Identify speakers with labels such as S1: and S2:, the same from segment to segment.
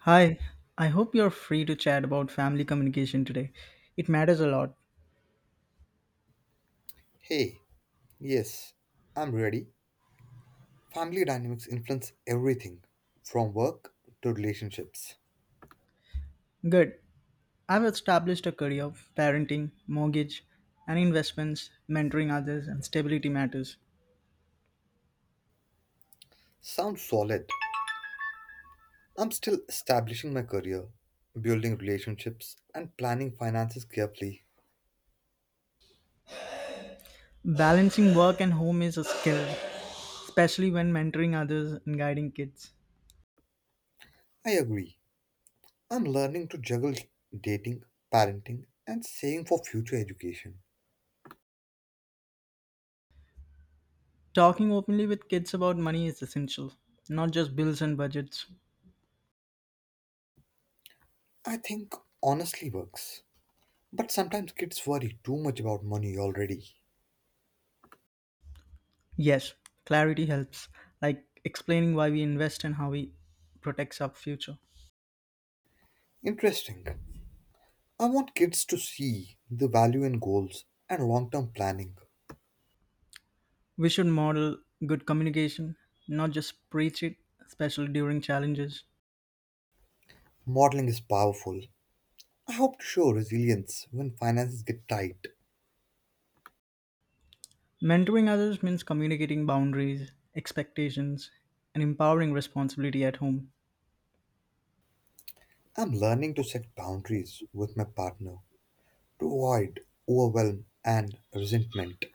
S1: Hi, I hope you're free to chat about family communication today. It matters a lot.
S2: Hey, yes, I'm ready. Family dynamics influence everything from work to relationships.
S1: Good. I've established a career of parenting, mortgage, and investments, mentoring others, and stability matters.
S2: Sounds solid. I'm still establishing my career, building relationships, and planning finances carefully.
S1: Balancing work and home is a skill, especially when mentoring others and guiding kids.
S2: I agree. I'm learning to juggle dating, parenting, and saving for future education.
S1: Talking openly with kids about money is essential, not just bills and budgets.
S2: I think honestly works. But sometimes kids worry too much about money already.
S1: Yes, clarity helps, like explaining why we invest and how we protects our future.
S2: Interesting. I want kids to see the value in goals and long term planning.
S1: We should model good communication, not just preach it, especially during challenges.
S2: Modeling is powerful. I hope to show resilience when finances get tight.
S1: Mentoring others means communicating boundaries, expectations, and empowering responsibility at home.
S2: I'm learning to set boundaries with my partner to avoid overwhelm and resentment.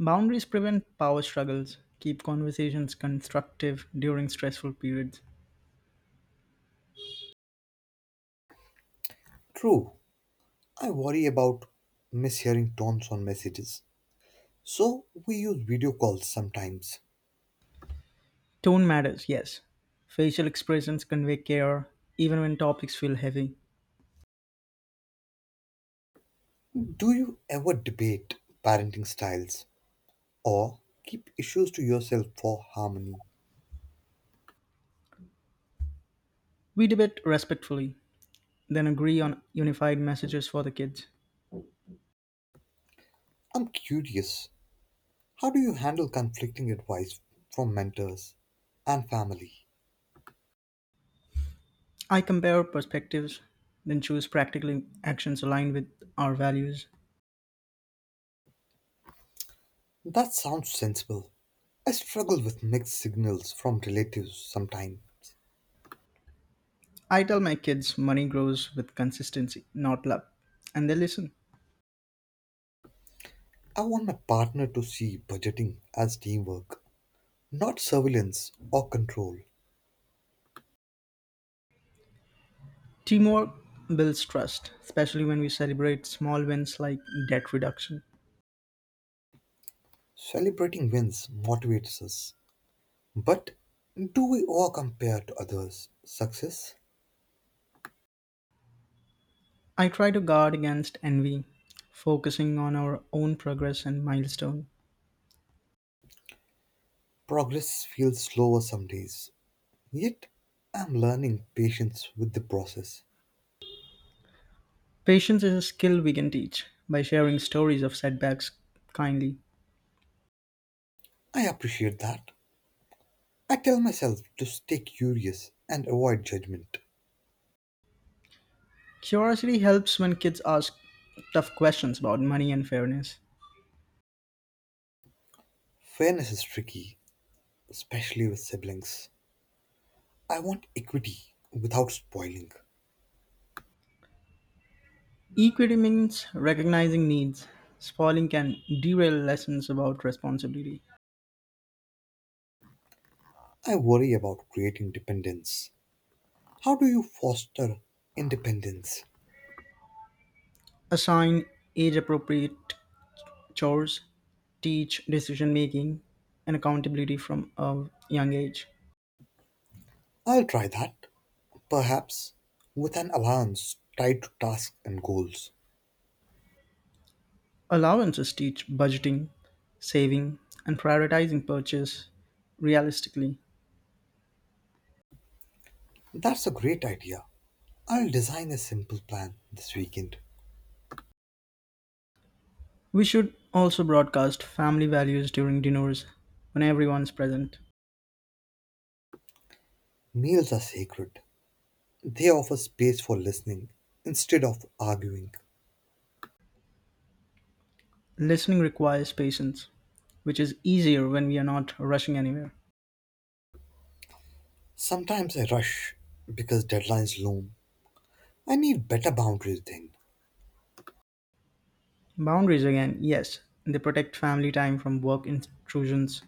S1: Boundaries prevent power struggles, keep conversations constructive during stressful periods.
S2: True, I worry about mishearing tones on messages, so we use video calls sometimes.
S1: Tone matters, yes. Facial expressions convey care, even when topics feel heavy.
S2: Do you ever debate parenting styles or keep issues to yourself for harmony?
S1: We debate respectfully, then agree on unified messages for the kids.
S2: I'm curious. How do you handle conflicting advice from mentors and family?
S1: I compare perspectives, then choose practical actions aligned with our values.
S2: That sounds sensible. I struggle with mixed signals from relatives sometimes.
S1: I tell my kids money grows with consistency, not luck, and they listen.
S2: I want my partner to see budgeting as teamwork, not surveillance or control.
S1: Teamwork builds trust, especially when we celebrate small wins like debt reduction.
S2: Celebrating wins motivates us. But do we all compare to others' success?
S1: I try to guard against envy, focusing on our own progress and milestone.
S2: Progress feels slower some days. Yet, I'm learning patience with the process.
S1: Patience is a skill we can teach by sharing stories of setbacks kindly.
S2: I appreciate that. I tell myself to stay curious and avoid judgment.
S1: Curiosity helps when kids ask tough questions about money and fairness.
S2: Fairness is tricky, especially with siblings. I want equity without spoiling.
S1: Equity means recognizing needs. Spoiling can derail lessons about responsibility.
S2: I worry about creating dependence. How do you foster independence?
S1: Assign age appropriate chores, teach decision making and accountability from a young age.
S2: I'll try that, perhaps with an allowance tied to tasks and goals.
S1: Allowances teach budgeting, saving, and prioritizing purchase realistically.
S2: That's a great idea. I'll design a simple plan this weekend.
S1: We should also broadcast family values during dinners when everyone's present.
S2: Meals are sacred, they offer space for listening instead of arguing.
S1: Listening requires patience, which is easier when we are not rushing anywhere.
S2: Sometimes I rush because deadlines loom. I need better boundaries then.
S1: Boundaries again, yes, they protect family time from work intrusions.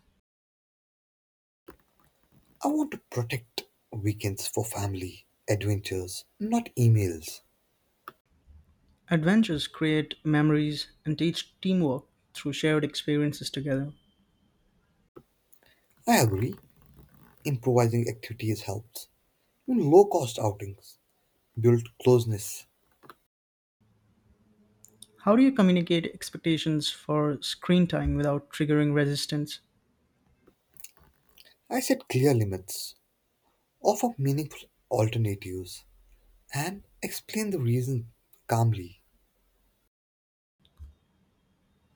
S2: I want to protect weekends for family, adventures, not emails.
S1: Adventures create memories and teach teamwork through shared experiences together.
S2: I agree, improvising activities helps. Even low cost outings build closeness.
S1: How do you communicate expectations for screen time without triggering resistance?
S2: I set clear limits, offer meaningful alternatives, and explain the reason calmly.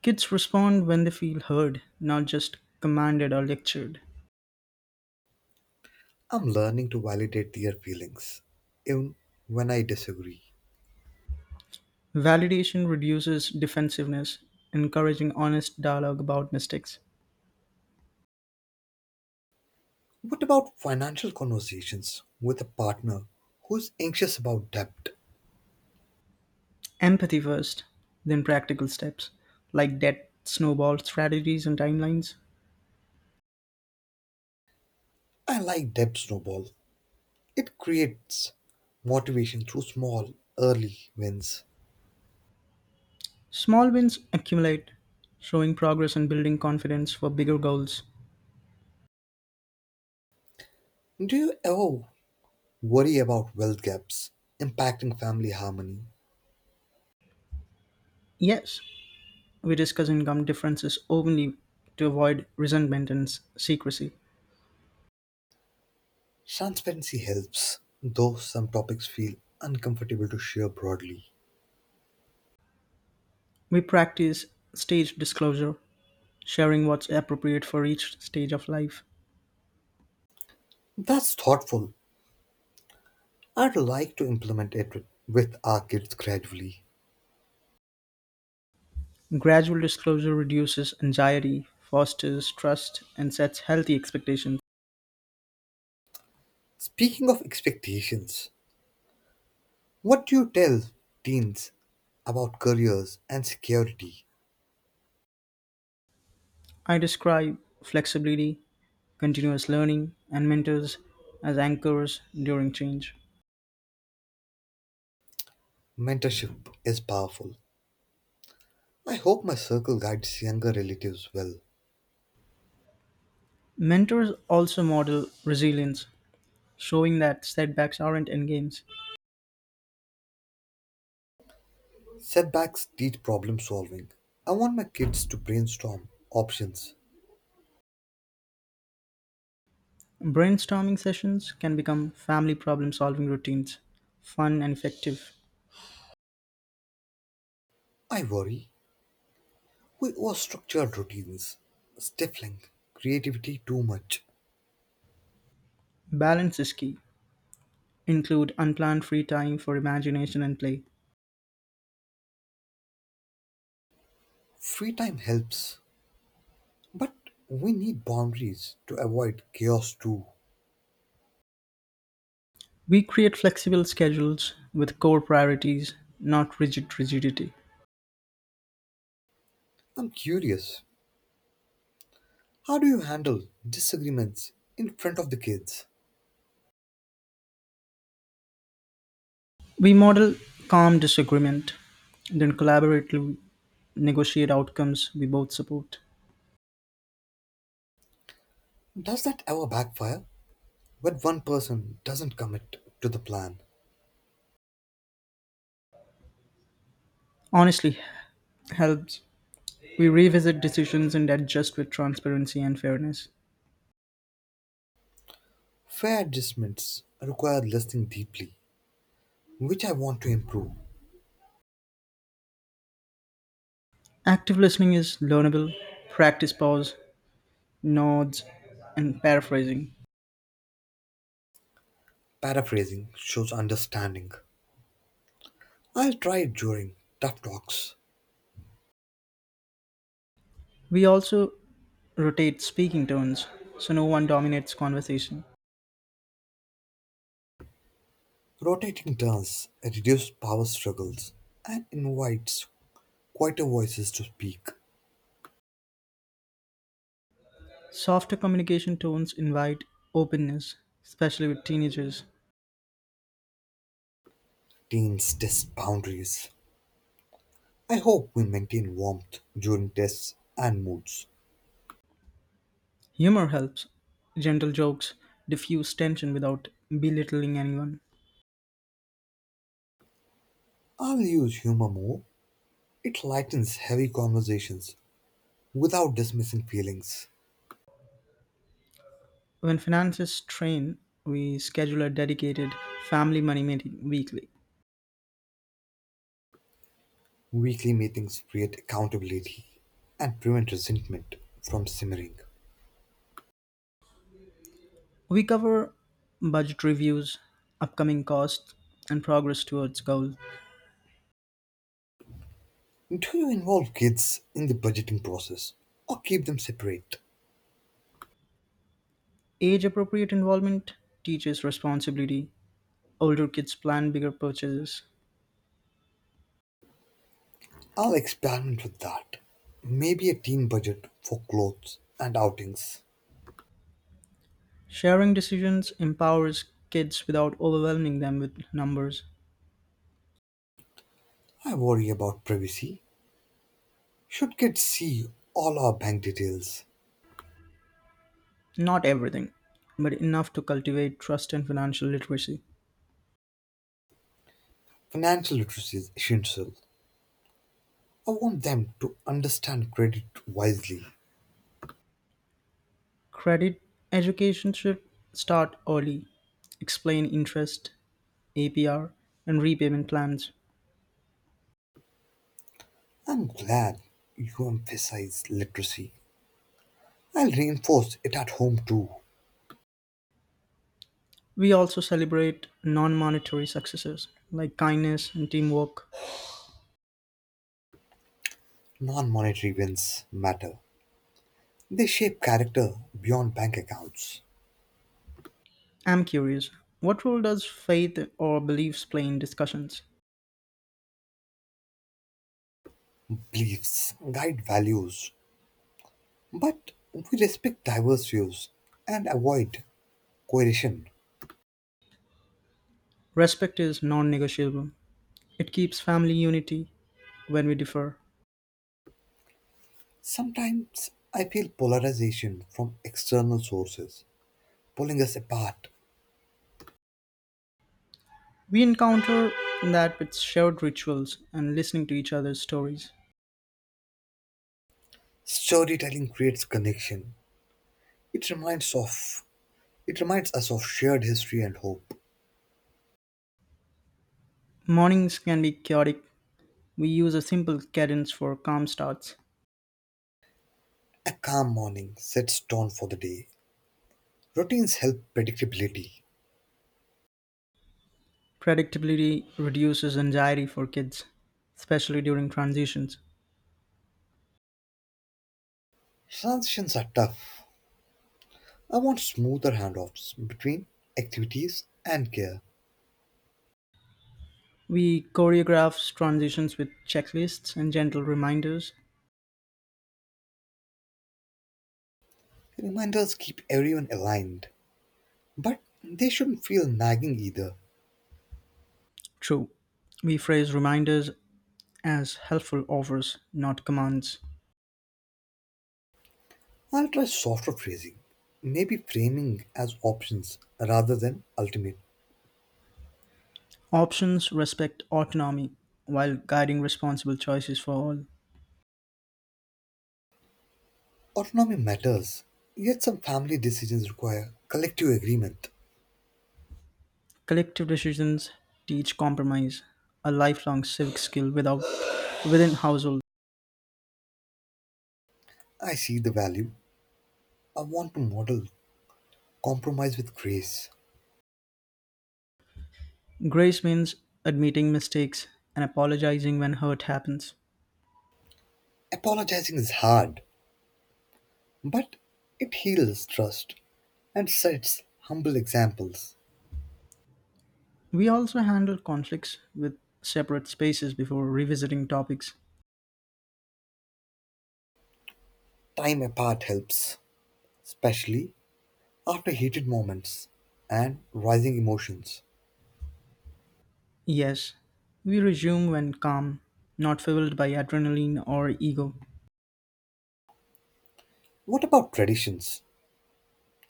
S1: Kids respond when they feel heard, not just commanded or lectured.
S2: I'm learning to validate their feelings, even when I disagree.
S1: Validation reduces defensiveness, encouraging honest dialogue about mistakes.
S2: What about financial conversations with a partner who's anxious about debt?
S1: Empathy first, then practical steps, like debt, snowball strategies, and timelines.
S2: I like debt snowball. It creates motivation through small, early wins.
S1: Small wins accumulate, showing progress and building confidence for bigger goals.
S2: Do you ever worry about wealth gaps impacting family harmony?
S1: Yes, we discuss income differences openly to avoid resentment and secrecy.
S2: Transparency helps, though some topics feel uncomfortable to share broadly.
S1: We practice staged disclosure, sharing what's appropriate for each stage of life.
S2: That's thoughtful. I'd like to implement it with our kids gradually.
S1: Gradual disclosure reduces anxiety, fosters trust, and sets healthy expectations.
S2: Speaking of expectations, what do you tell teens about careers and security?
S1: I describe flexibility, continuous learning, and mentors as anchors during change.
S2: Mentorship is powerful. I hope my circle guides younger relatives well.
S1: Mentors also model resilience, showing that setbacks aren't endgames.
S2: Setbacks teach problem solving. I want my kids to brainstorm options.
S1: Brainstorming sessions can become family problem solving routines, fun and effective.
S2: I worry we overstructured routines, stifling creativity too much.
S1: Balance is key. Include unplanned free time for imagination and play.
S2: Free time helps, but we need boundaries to avoid chaos too.
S1: We create flexible schedules with core priorities, not rigid rigidity.
S2: I'm curious, how do you handle disagreements in front of the kids?
S1: We model calm disagreement, then collaboratively negotiate outcomes we both support.
S2: Does that ever backfire? When one person doesn't commit to the plan,
S1: Honestly, helps. We revisit decisions and adjust with transparency and fairness.
S2: fair adjustments require listening deeply, which I want to improve.
S1: Active listening is learnable, practice pause, nods, and paraphrasing.
S2: Paraphrasing shows understanding. I'll try it during tough talks.
S1: We also rotate speaking tones so no one dominates conversation.
S2: Rotating turns reduce power struggles and invites quieter voices to speak.
S1: Softer communication tones invite openness, especially with teenagers.
S2: Teams test boundaries. I hope we maintain warmth during tests and moods.
S1: Humor helps. Gentle jokes diffuse tension without belittling anyone.
S2: I'll use humor more. It lightens heavy conversations without dismissing feelings.
S1: When finances strain, we schedule a dedicated family money meeting weekly.
S2: Weekly meetings create accountability and prevent resentment from simmering.
S1: We cover budget reviews, upcoming costs, and progress towards goal.
S2: Do you involve kids in the budgeting process or keep them separate?
S1: Age appropriate involvement teaches responsibility. Older kids plan bigger purchases.
S2: I'll experiment with that. Maybe a teen budget for clothes and outings.
S1: Sharing decisions empowers kids without overwhelming them with numbers.
S2: I worry about privacy. Should kids see all our bank details?
S1: Not everything, but enough to cultivate trust and financial literacy.
S2: Financial literacy is essential. I want them to understand credit wisely.
S1: Credit education should start early. Explain interest, APR, and repayment plans.
S2: I'm glad you emphasize literacy. I'll reinforce it at home too.
S1: We also celebrate non monetary successes like kindness and teamwork.
S2: Non-monetary wins matter. They shape character beyond bank accounts.
S1: I'm curious, what role does faith or beliefs play in discussions?
S2: Beliefs guide values. But we respect diverse views and avoid coercion.
S1: Respect is non negotiable, it keeps family unity when we differ.
S2: Sometimes I feel polarization from external sources pulling us apart.
S1: We encounter that with shared rituals and listening to each other's stories.
S2: Storytelling creates connection. It reminds of it reminds us of shared history and hope.
S1: Mornings can be chaotic. We use a simple cadence for calm starts.
S2: A calm morning sets tone for the day. Routines help predictability.
S1: Predictability reduces anxiety for kids, especially during transitions.
S2: Transitions are tough. I want smoother handoffs between activities and care.
S1: We choreograph transitions with checklists and gentle reminders.
S2: Reminders keep everyone aligned, but they shouldn't feel nagging either.
S1: True, we phrase reminders as helpful offers, not commands.
S2: I'll try softer phrasing, maybe framing as options rather than ultimate.
S1: Options respect autonomy while guiding responsible choices for all.
S2: Autonomy matters, yet some family decisions require collective agreement.
S1: Collective decisions teach compromise, a lifelong civic skill without, within household.
S2: I see the value. I want to model compromise with grace.
S1: Grace means admitting mistakes and apologizing when hurt happens.
S2: Apologizing is hard, but it heals trust and sets humble examples.
S1: We also handle conflicts with separate spaces before revisiting topics.
S2: Time apart helps, especially after heated moments and rising emotions.
S1: Yes, we resume when calm, not fueled by adrenaline or ego.
S2: What about traditions?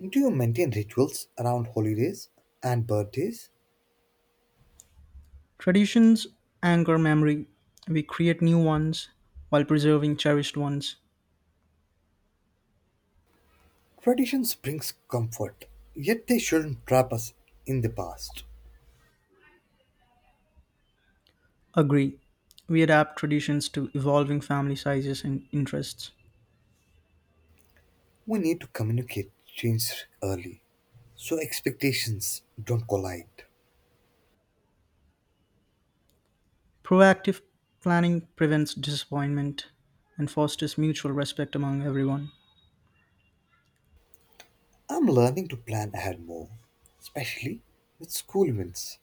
S2: Do you maintain rituals around holidays and birthdays?
S1: Traditions anchor memory. We create new ones while preserving cherished ones.
S2: Traditions brings comfort, yet they shouldn't trap us in the past.
S1: Agree. We adapt traditions to evolving family sizes and interests.
S2: We need to communicate change early so expectations don't collide.
S1: Proactive planning prevents disappointment and fosters mutual respect among everyone.
S2: I'm learning to plan ahead more, especially with school events.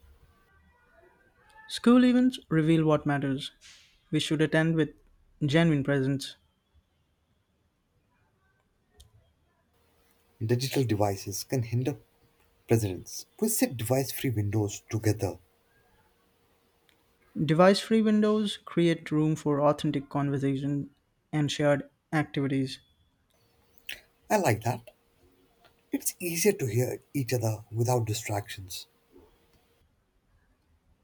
S1: School events reveal what matters. We should attend with genuine presence.
S2: Digital devices can hinder presidents. We sit device free windows together.
S1: Device-free windows create room for authentic conversation and shared activities.
S2: I like that. It's easier to hear each other without distractions.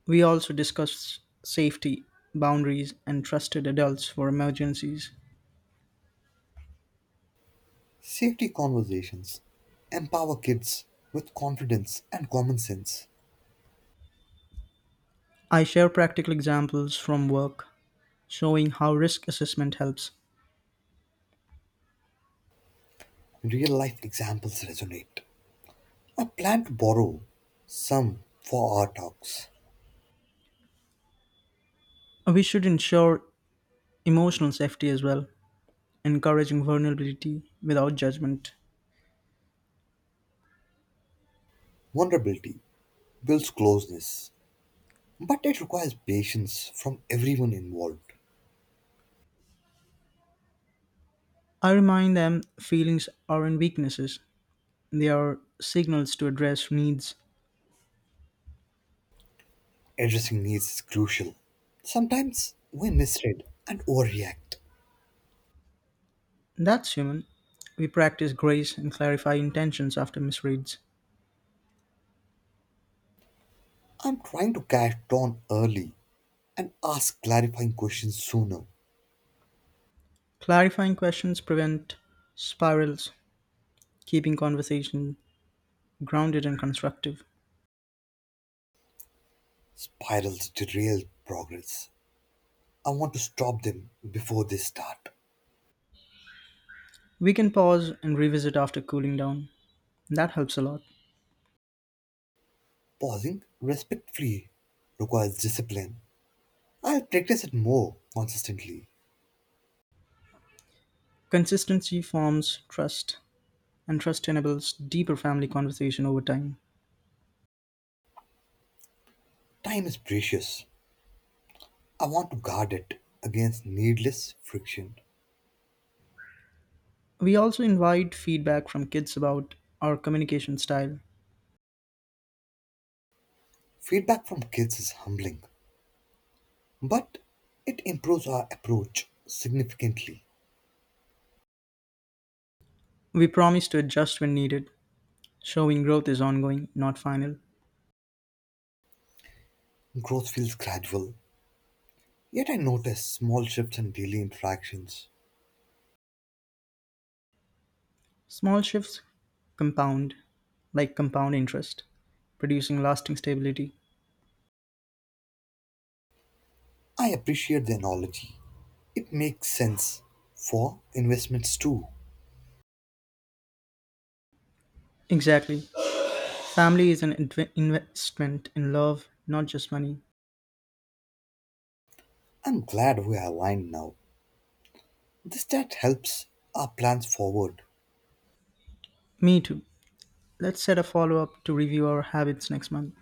S1: We also discuss safety, boundaries, and trusted adults for emergencies.
S2: Safety conversations empower kids with confidence and common sense.
S1: I share practical examples from work showing how risk assessment helps.
S2: Real life examples resonate. I plan to borrow some for our talks.
S1: We should ensure emotional safety as well, encouraging vulnerability without judgment.
S2: Vulnerability builds closeness, but it requires patience from everyone involved.
S1: I remind them feelings aren't weaknesses, they are signals to address needs.
S2: Addressing needs is crucial. Sometimes we misread and overreact.
S1: That's human. We practice grace and clarify intentions after misreads.
S2: I'm trying to catch dawn early and ask clarifying questions sooner.
S1: Clarifying questions prevent spirals, keeping conversation grounded and constructive.
S2: Spirals derail progress. I want to stop them before they start.
S1: We can pause and revisit after cooling down. That helps a lot.
S2: Pausing respectfully requires discipline. I'll practice it more consistently.
S1: Consistency forms trust, and trust enables deeper family conversation over time.
S2: Time is precious. I want to guard it against needless friction.
S1: We also invite feedback from kids about our communication style.
S2: Feedback from kids is humbling, but it improves our approach significantly.
S1: We promise to adjust when needed, showing growth is ongoing, not final.
S2: Growth feels gradual, yet I notice small shifts in daily interactions.
S1: Small shifts compound, like compound interest, producing lasting stability.
S2: I appreciate the analogy. It makes sense for investments too.
S1: Exactly. Family is an investment in love, not just money.
S2: I'm glad we are aligned now. This chat helps our plans forward.
S1: Me too. Let's set a follow up to review our habits next month.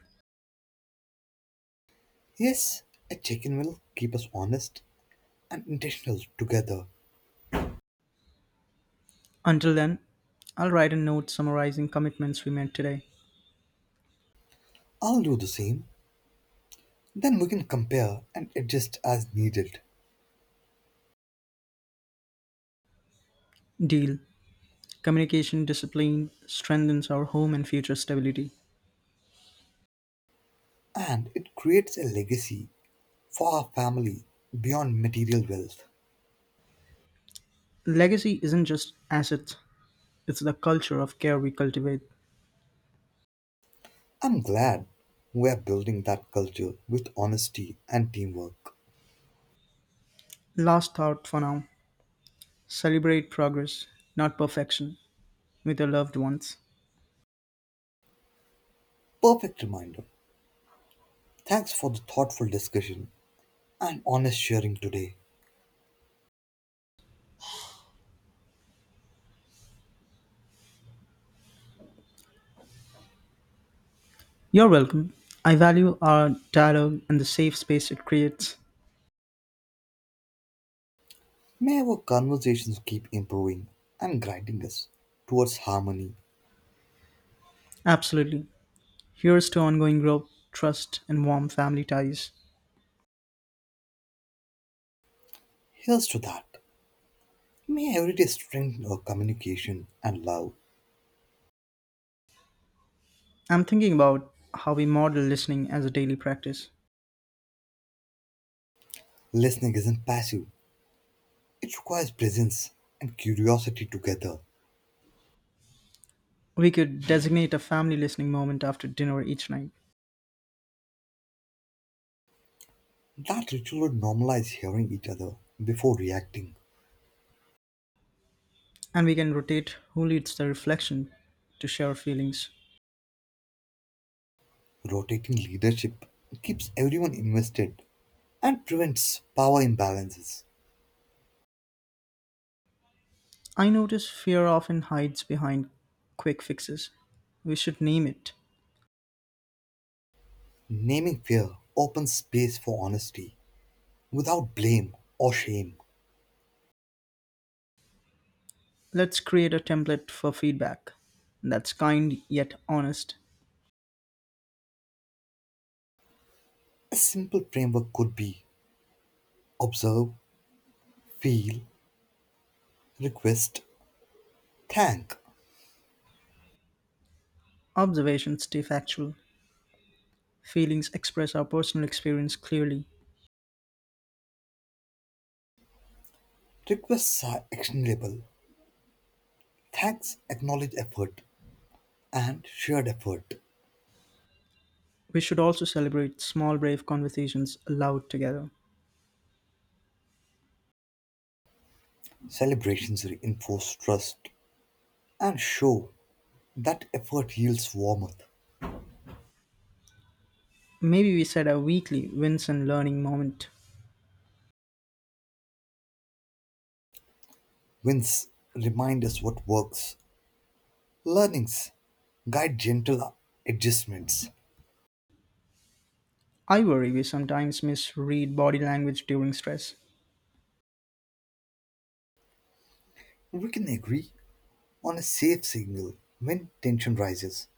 S2: Yes, a check in will keep us honest and intentional together.
S1: Until then, I'll write a note summarizing commitments we made today.
S2: I'll do the same. Then we can compare and adjust as needed.
S1: Deal. Communication discipline strengthens our home and future stability.
S2: And it creates a legacy for our family beyond material wealth.
S1: Legacy isn't just assets, it's the culture of care we cultivate.
S2: I'm glad we are building that culture with honesty and teamwork.
S1: Last thought for now: celebrate progress, not perfection, with your loved ones.
S2: Perfect reminder. Thanks for the thoughtful discussion and honest sharing today.
S1: You're welcome. I value our dialogue and the safe space it creates.
S2: May our conversations keep improving and guiding us towards harmony.
S1: Absolutely. Here's to ongoing growth, trust, and warm family ties.
S2: Here's to that. May every day strengthen our communication and love.
S1: I'm thinking about how we model listening as a daily practice.
S2: Listening isn't passive, it requires presence and curiosity together.
S1: We could designate a family listening moment after dinner each night,
S2: That ritual would normalize hearing each other before reacting.
S1: and we can rotate who leads the reflection to share feelings.
S2: Rotating leadership keeps everyone invested and prevents power imbalances.
S1: I notice fear often hides behind quick fixes. We should name it.
S2: Naming fear opens space for honesty without blame or shame.
S1: Let's create a template for feedback that's kind yet honest.
S2: A simple framework could be observe, feel, request, thank.
S1: Observations stay factual. Feelings express our personal experience clearly.
S2: Requests are actionable, thanks acknowledge effort and shared effort.
S1: We should also celebrate small, brave conversations aloud together.
S2: Celebrations reinforce trust and show that effort yields warmth.
S1: Maybe we set a weekly wins and learning moment.
S2: Wins remind us what works. Learnings guide gentle adjustments.
S1: I worry we sometimes misread body language during stress.
S2: We can agree on a safe signal when tension rises.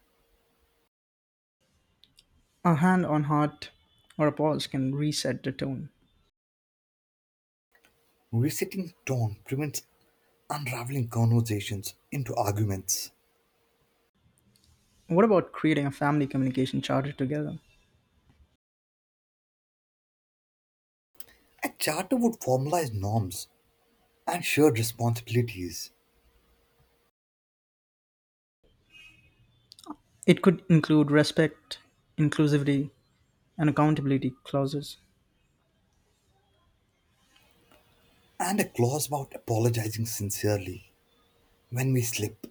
S1: A hand on heart or a pause can reset the tone.
S2: Resetting tone prevents unraveling conversations into arguments.
S1: What about creating a family communication charter together?
S2: A charter would formalize norms and shared responsibilities,
S1: It could include respect, inclusivity, and accountability clauses.
S2: and a clause about apologizing sincerely when we slip.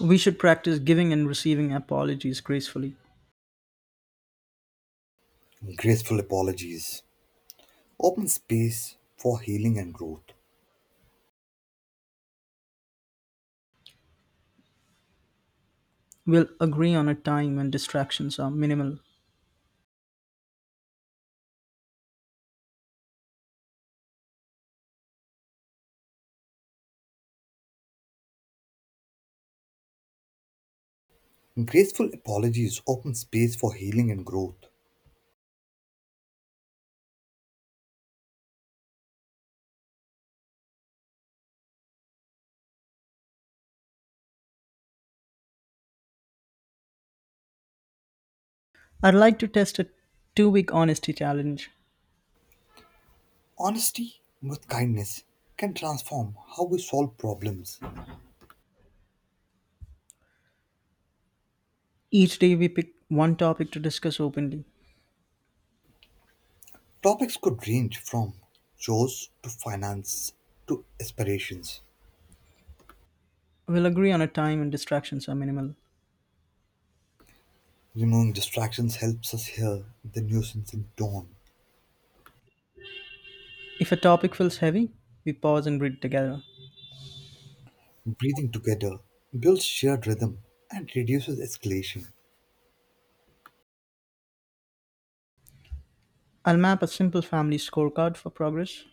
S1: We should practice giving and receiving apologies gracefully.
S2: Graceful apologies open space for healing and growth.
S1: We'll agree on a time when distractions are minimal.
S2: Graceful apologies open space for healing and growth.
S1: I'd like to test a 2 week honesty challenge.
S2: Honesty with kindness can transform how we solve problems.
S1: Each day we pick one topic to discuss openly.
S2: Topics could range from chores to finance to aspirations.
S1: We'll agree on a time when distractions are minimal.
S2: Removing distractions helps us hear the nuisance in tone.
S1: If a topic feels heavy, we pause and breathe together.
S2: Breathing together builds shared rhythm and reduces escalation.
S1: I'll map a simple family scorecard for progress.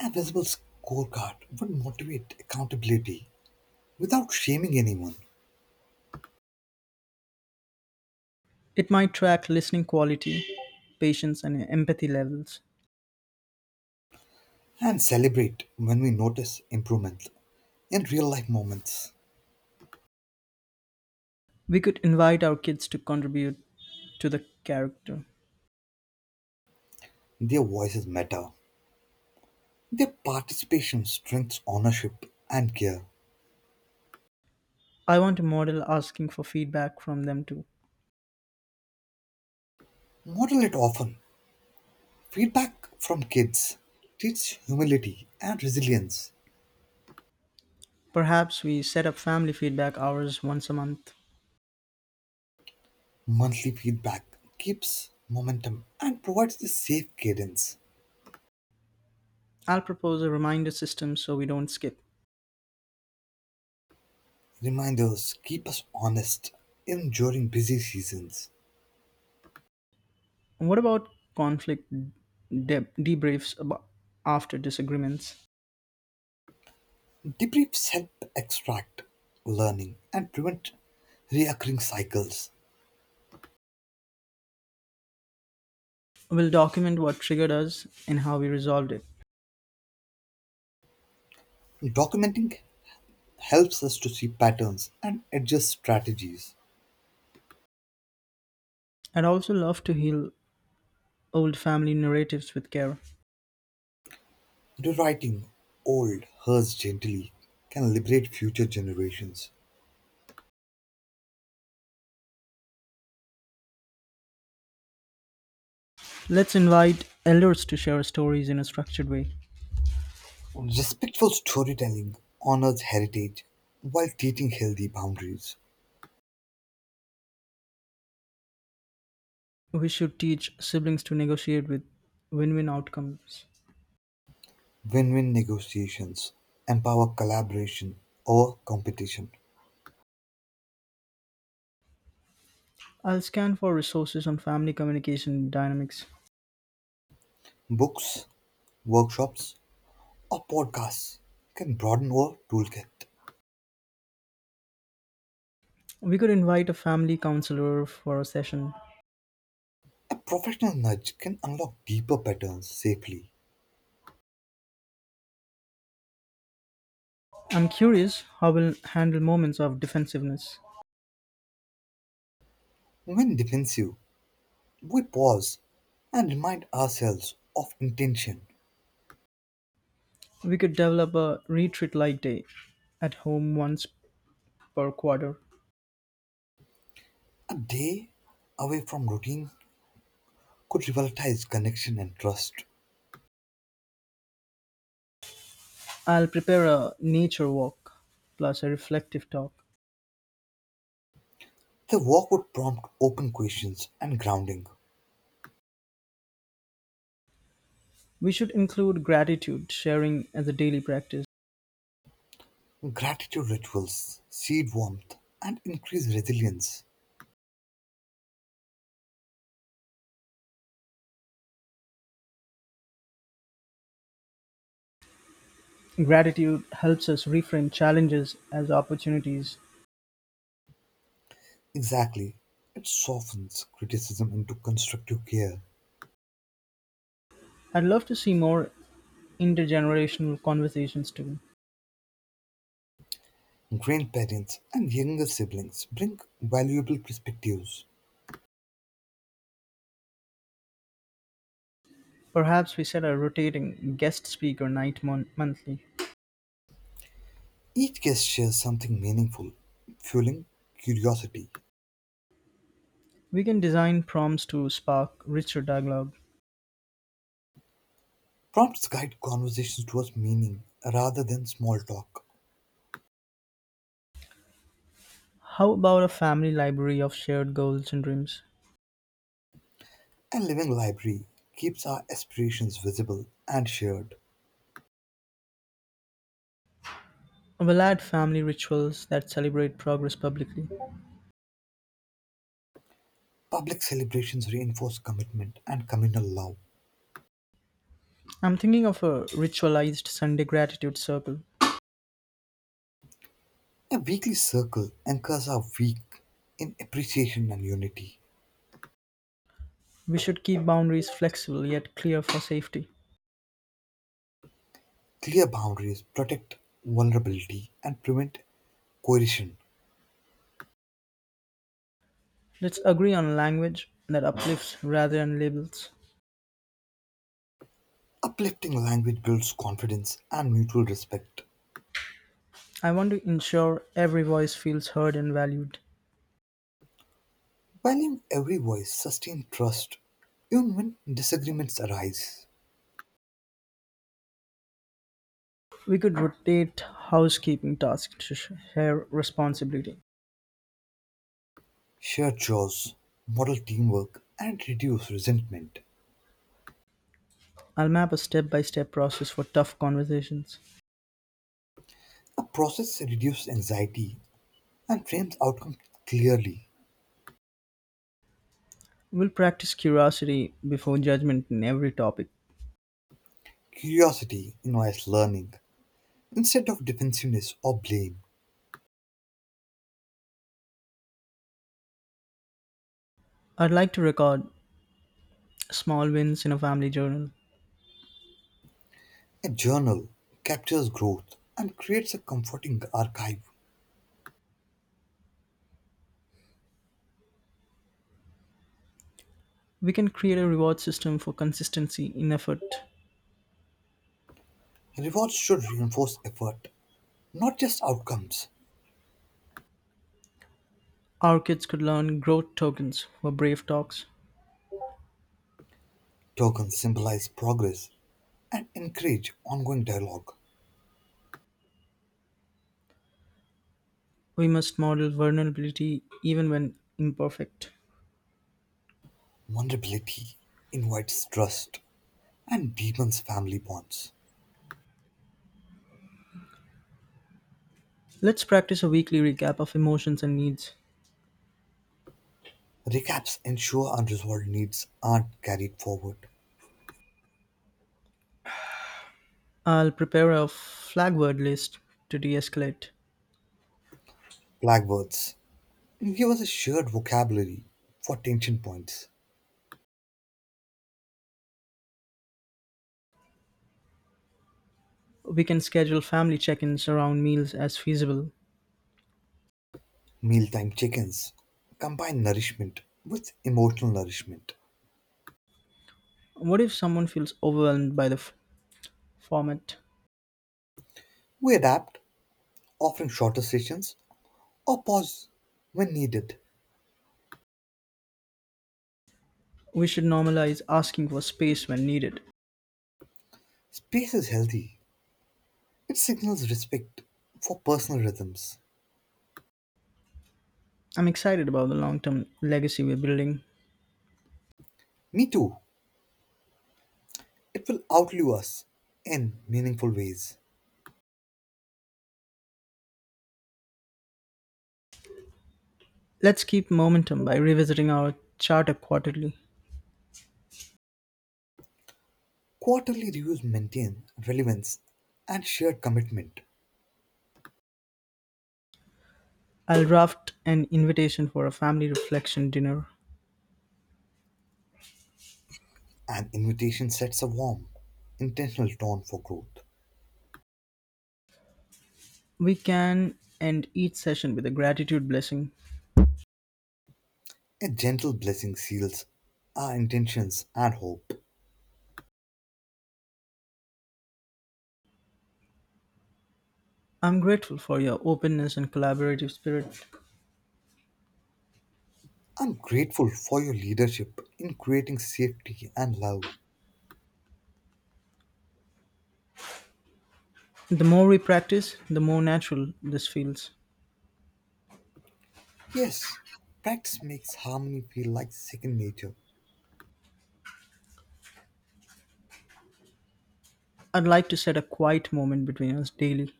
S2: A visible scorecard would motivate accountability without shaming anyone,
S1: It might track listening quality, patience, and empathy levels.
S2: and celebrate when we notice improvement in real life moments.
S1: We could invite our kids to contribute to the character.
S2: Their voices matter. Their participation strengthens ownership and care.
S1: I want a model asking for feedback from them too.
S2: Model it often. Feedback from kids teaches humility and resilience.
S1: Perhaps we set up family feedback hours once a month.
S2: Monthly feedback keeps momentum and provides the safe cadence.
S1: I'll propose a reminder system so we don't skip.
S2: Reminders keep us honest even during busy seasons.
S1: What about conflict debriefs after disagreements?
S2: Debriefs help extract learning and prevent reoccurring cycles.
S1: We'll document what triggered us and how we resolved it.
S2: Documenting helps us to see patterns and adjust strategies.
S1: I'd also love to heal old family narratives with care.
S2: Rewriting old hurts gently can liberate future generations.
S1: Let's invite elders to share stories in a structured way.
S2: Respectful storytelling honors heritage while teaching healthy boundaries.
S1: We should teach siblings to negotiate with win win outcomes.
S2: Win-win negotiations empower collaboration over competition.
S1: I'll scan for resources on family communication dynamics.
S2: Books, workshops, or podcasts can broaden our toolkit.
S1: We could invite a family counselor for a session.
S2: A professional nudge can unlock deeper patterns safely.
S1: I'm curious how we'll handle moments of defensiveness.
S2: When defensive, we pause and remind ourselves of intention.
S1: We could develop a retreat like day at home once per quarter.
S2: A day away from routine could revitalize connection and trust.
S1: I'll prepare a nature walk plus a reflective talk.
S2: The walk would prompt open questions and grounding.
S1: We should include gratitude sharing as a daily practice.
S2: Gratitude rituals seed warmth and increase resilience.
S1: Gratitude helps us reframe challenges as opportunities.
S2: Exactly. It softens criticism into constructive care.
S1: I'd love to see more intergenerational conversations too.
S2: Grandparents and younger siblings bring valuable perspectives.
S1: Perhaps we set a rotating guest speaker night monthly.
S2: Each guest shares something meaningful, fueling curiosity.
S1: We can design prompts to spark richer dialogue.
S2: Prompts guide conversations towards meaning rather than small talk.
S1: How about a family library of shared goals and dreams?
S2: A living library keeps our aspirations visible and shared.
S1: We'll add family rituals that celebrate progress publicly.
S2: Public celebrations reinforce commitment and communal love.
S1: I'm thinking of a ritualized Sunday gratitude circle.
S2: A weekly circle anchors our week in appreciation and unity.
S1: We should keep boundaries flexible yet clear for safety.
S2: Clear boundaries protect vulnerability and prevent coercion.
S1: Let's agree on language that uplifts rather than labels.
S2: Uplifting language builds confidence and mutual respect.
S1: I want to ensure every voice feels heard and valued.
S2: Valuing every voice sustains trust even when disagreements arise.
S1: We could rotate housekeeping tasks to share responsibility.
S2: Shared chores model teamwork and reduce resentment.
S1: I'll map a step by step process for tough conversations.
S2: A process reduces anxiety and frames outcomes clearly.
S1: We'll practice curiosity before judgment in every topic.
S2: Curiosity invites learning instead of defensiveness or blame.
S1: I'd like to record small wins in a family journal.
S2: A journal captures growth and creates a comforting archive.
S1: We can create a reward system for consistency in effort.
S2: Rewards should reinforce effort, not just outcomes.
S1: Our kids could learn growth tokens for brave talks.
S2: Tokens symbolize progress and encourage ongoing dialogue.
S1: We must model vulnerability even when imperfect.
S2: Vulnerability invites trust and deepens family bonds.
S1: Let's practice a weekly recap of emotions and needs.
S2: Recaps ensure unresolved needs aren't carried forward.
S1: I'll prepare a flag word list to de escalate.
S2: Blackbirds give us a shared vocabulary for tension points.
S1: We can schedule family check ins around meals as feasible.
S2: Mealtime chickens combine nourishment with emotional nourishment.
S1: What if someone feels overwhelmed by the format?
S2: We adapt offering shorter sessions or pause when needed.
S1: We should normalize asking for space when needed.
S2: Space is healthy. It signals respect for personal rhythms.
S1: I'm excited about the long term legacy we're building.
S2: Me too. It will outlive us in meaningful ways.
S1: Let's keep momentum by revisiting our charter quarterly.
S2: Quarterly reviews maintain relevance and shared commitment.
S1: I'll draft an invitation for a family reflection dinner.
S2: An invitation sets a warm, intentional tone for growth.
S1: We can end each session with a gratitude blessing.
S2: A gentle blessing seals our intentions and hope.
S1: I'm grateful for your openness and collaborative spirit.
S2: I'm grateful for your leadership in creating safety and love.
S1: The more we practice, the more natural this feels.
S2: Yes, practice makes harmony feel like second nature,
S1: I'd like to set a quiet moment between us daily.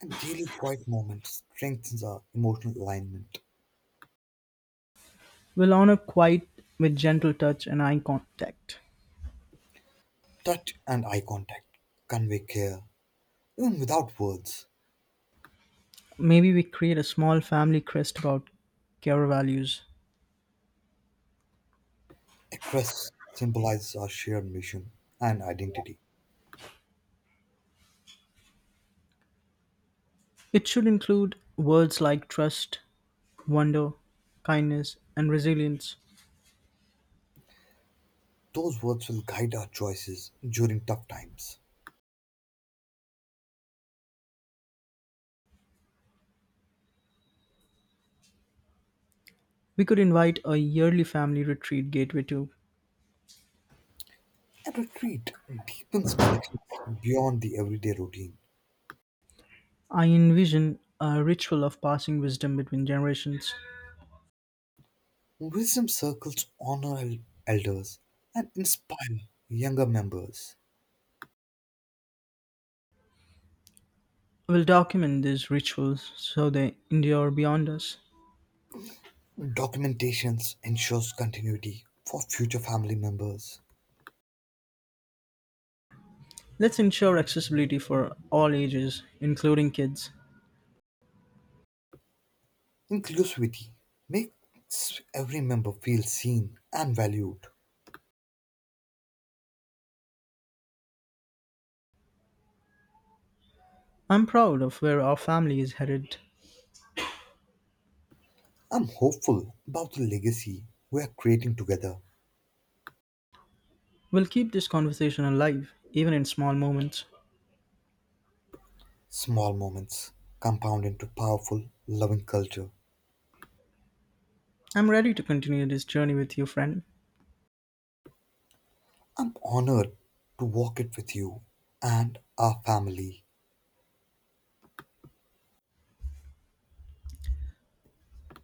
S2: and daily quiet moments strengthens our emotional alignment.
S1: We'll honor quiet with gentle touch and eye contact.
S2: Touch and eye contact convey care, even without words.
S1: Maybe we create a small family crest about care values.
S2: A crest symbolizes our shared mission and identity.
S1: It should include words like trust, wonder, kindness, and resilience.
S2: Those words will guide our choices during tough times.
S1: We could invite a yearly family retreat gateway too.
S2: A retreat deepens connections beyond the everyday routine.
S1: I envision a ritual of passing wisdom between generations.
S2: Wisdom circles honor elders and inspire younger members.
S1: We'll document these rituals so they endure beyond us.
S2: Documentations ensures continuity for future family members.
S1: Let's ensure accessibility for all ages, including kids.
S2: Inclusivity makes every member feel seen and valued.
S1: I'm proud of where our family is headed.
S2: I'm hopeful about the legacy we are creating together.
S1: We'll keep this conversation alive, even in small moments.
S2: Small moments compound into powerful, loving culture.
S1: I'm ready to continue this journey with you, friend.
S2: I'm honored to walk it with you and our family.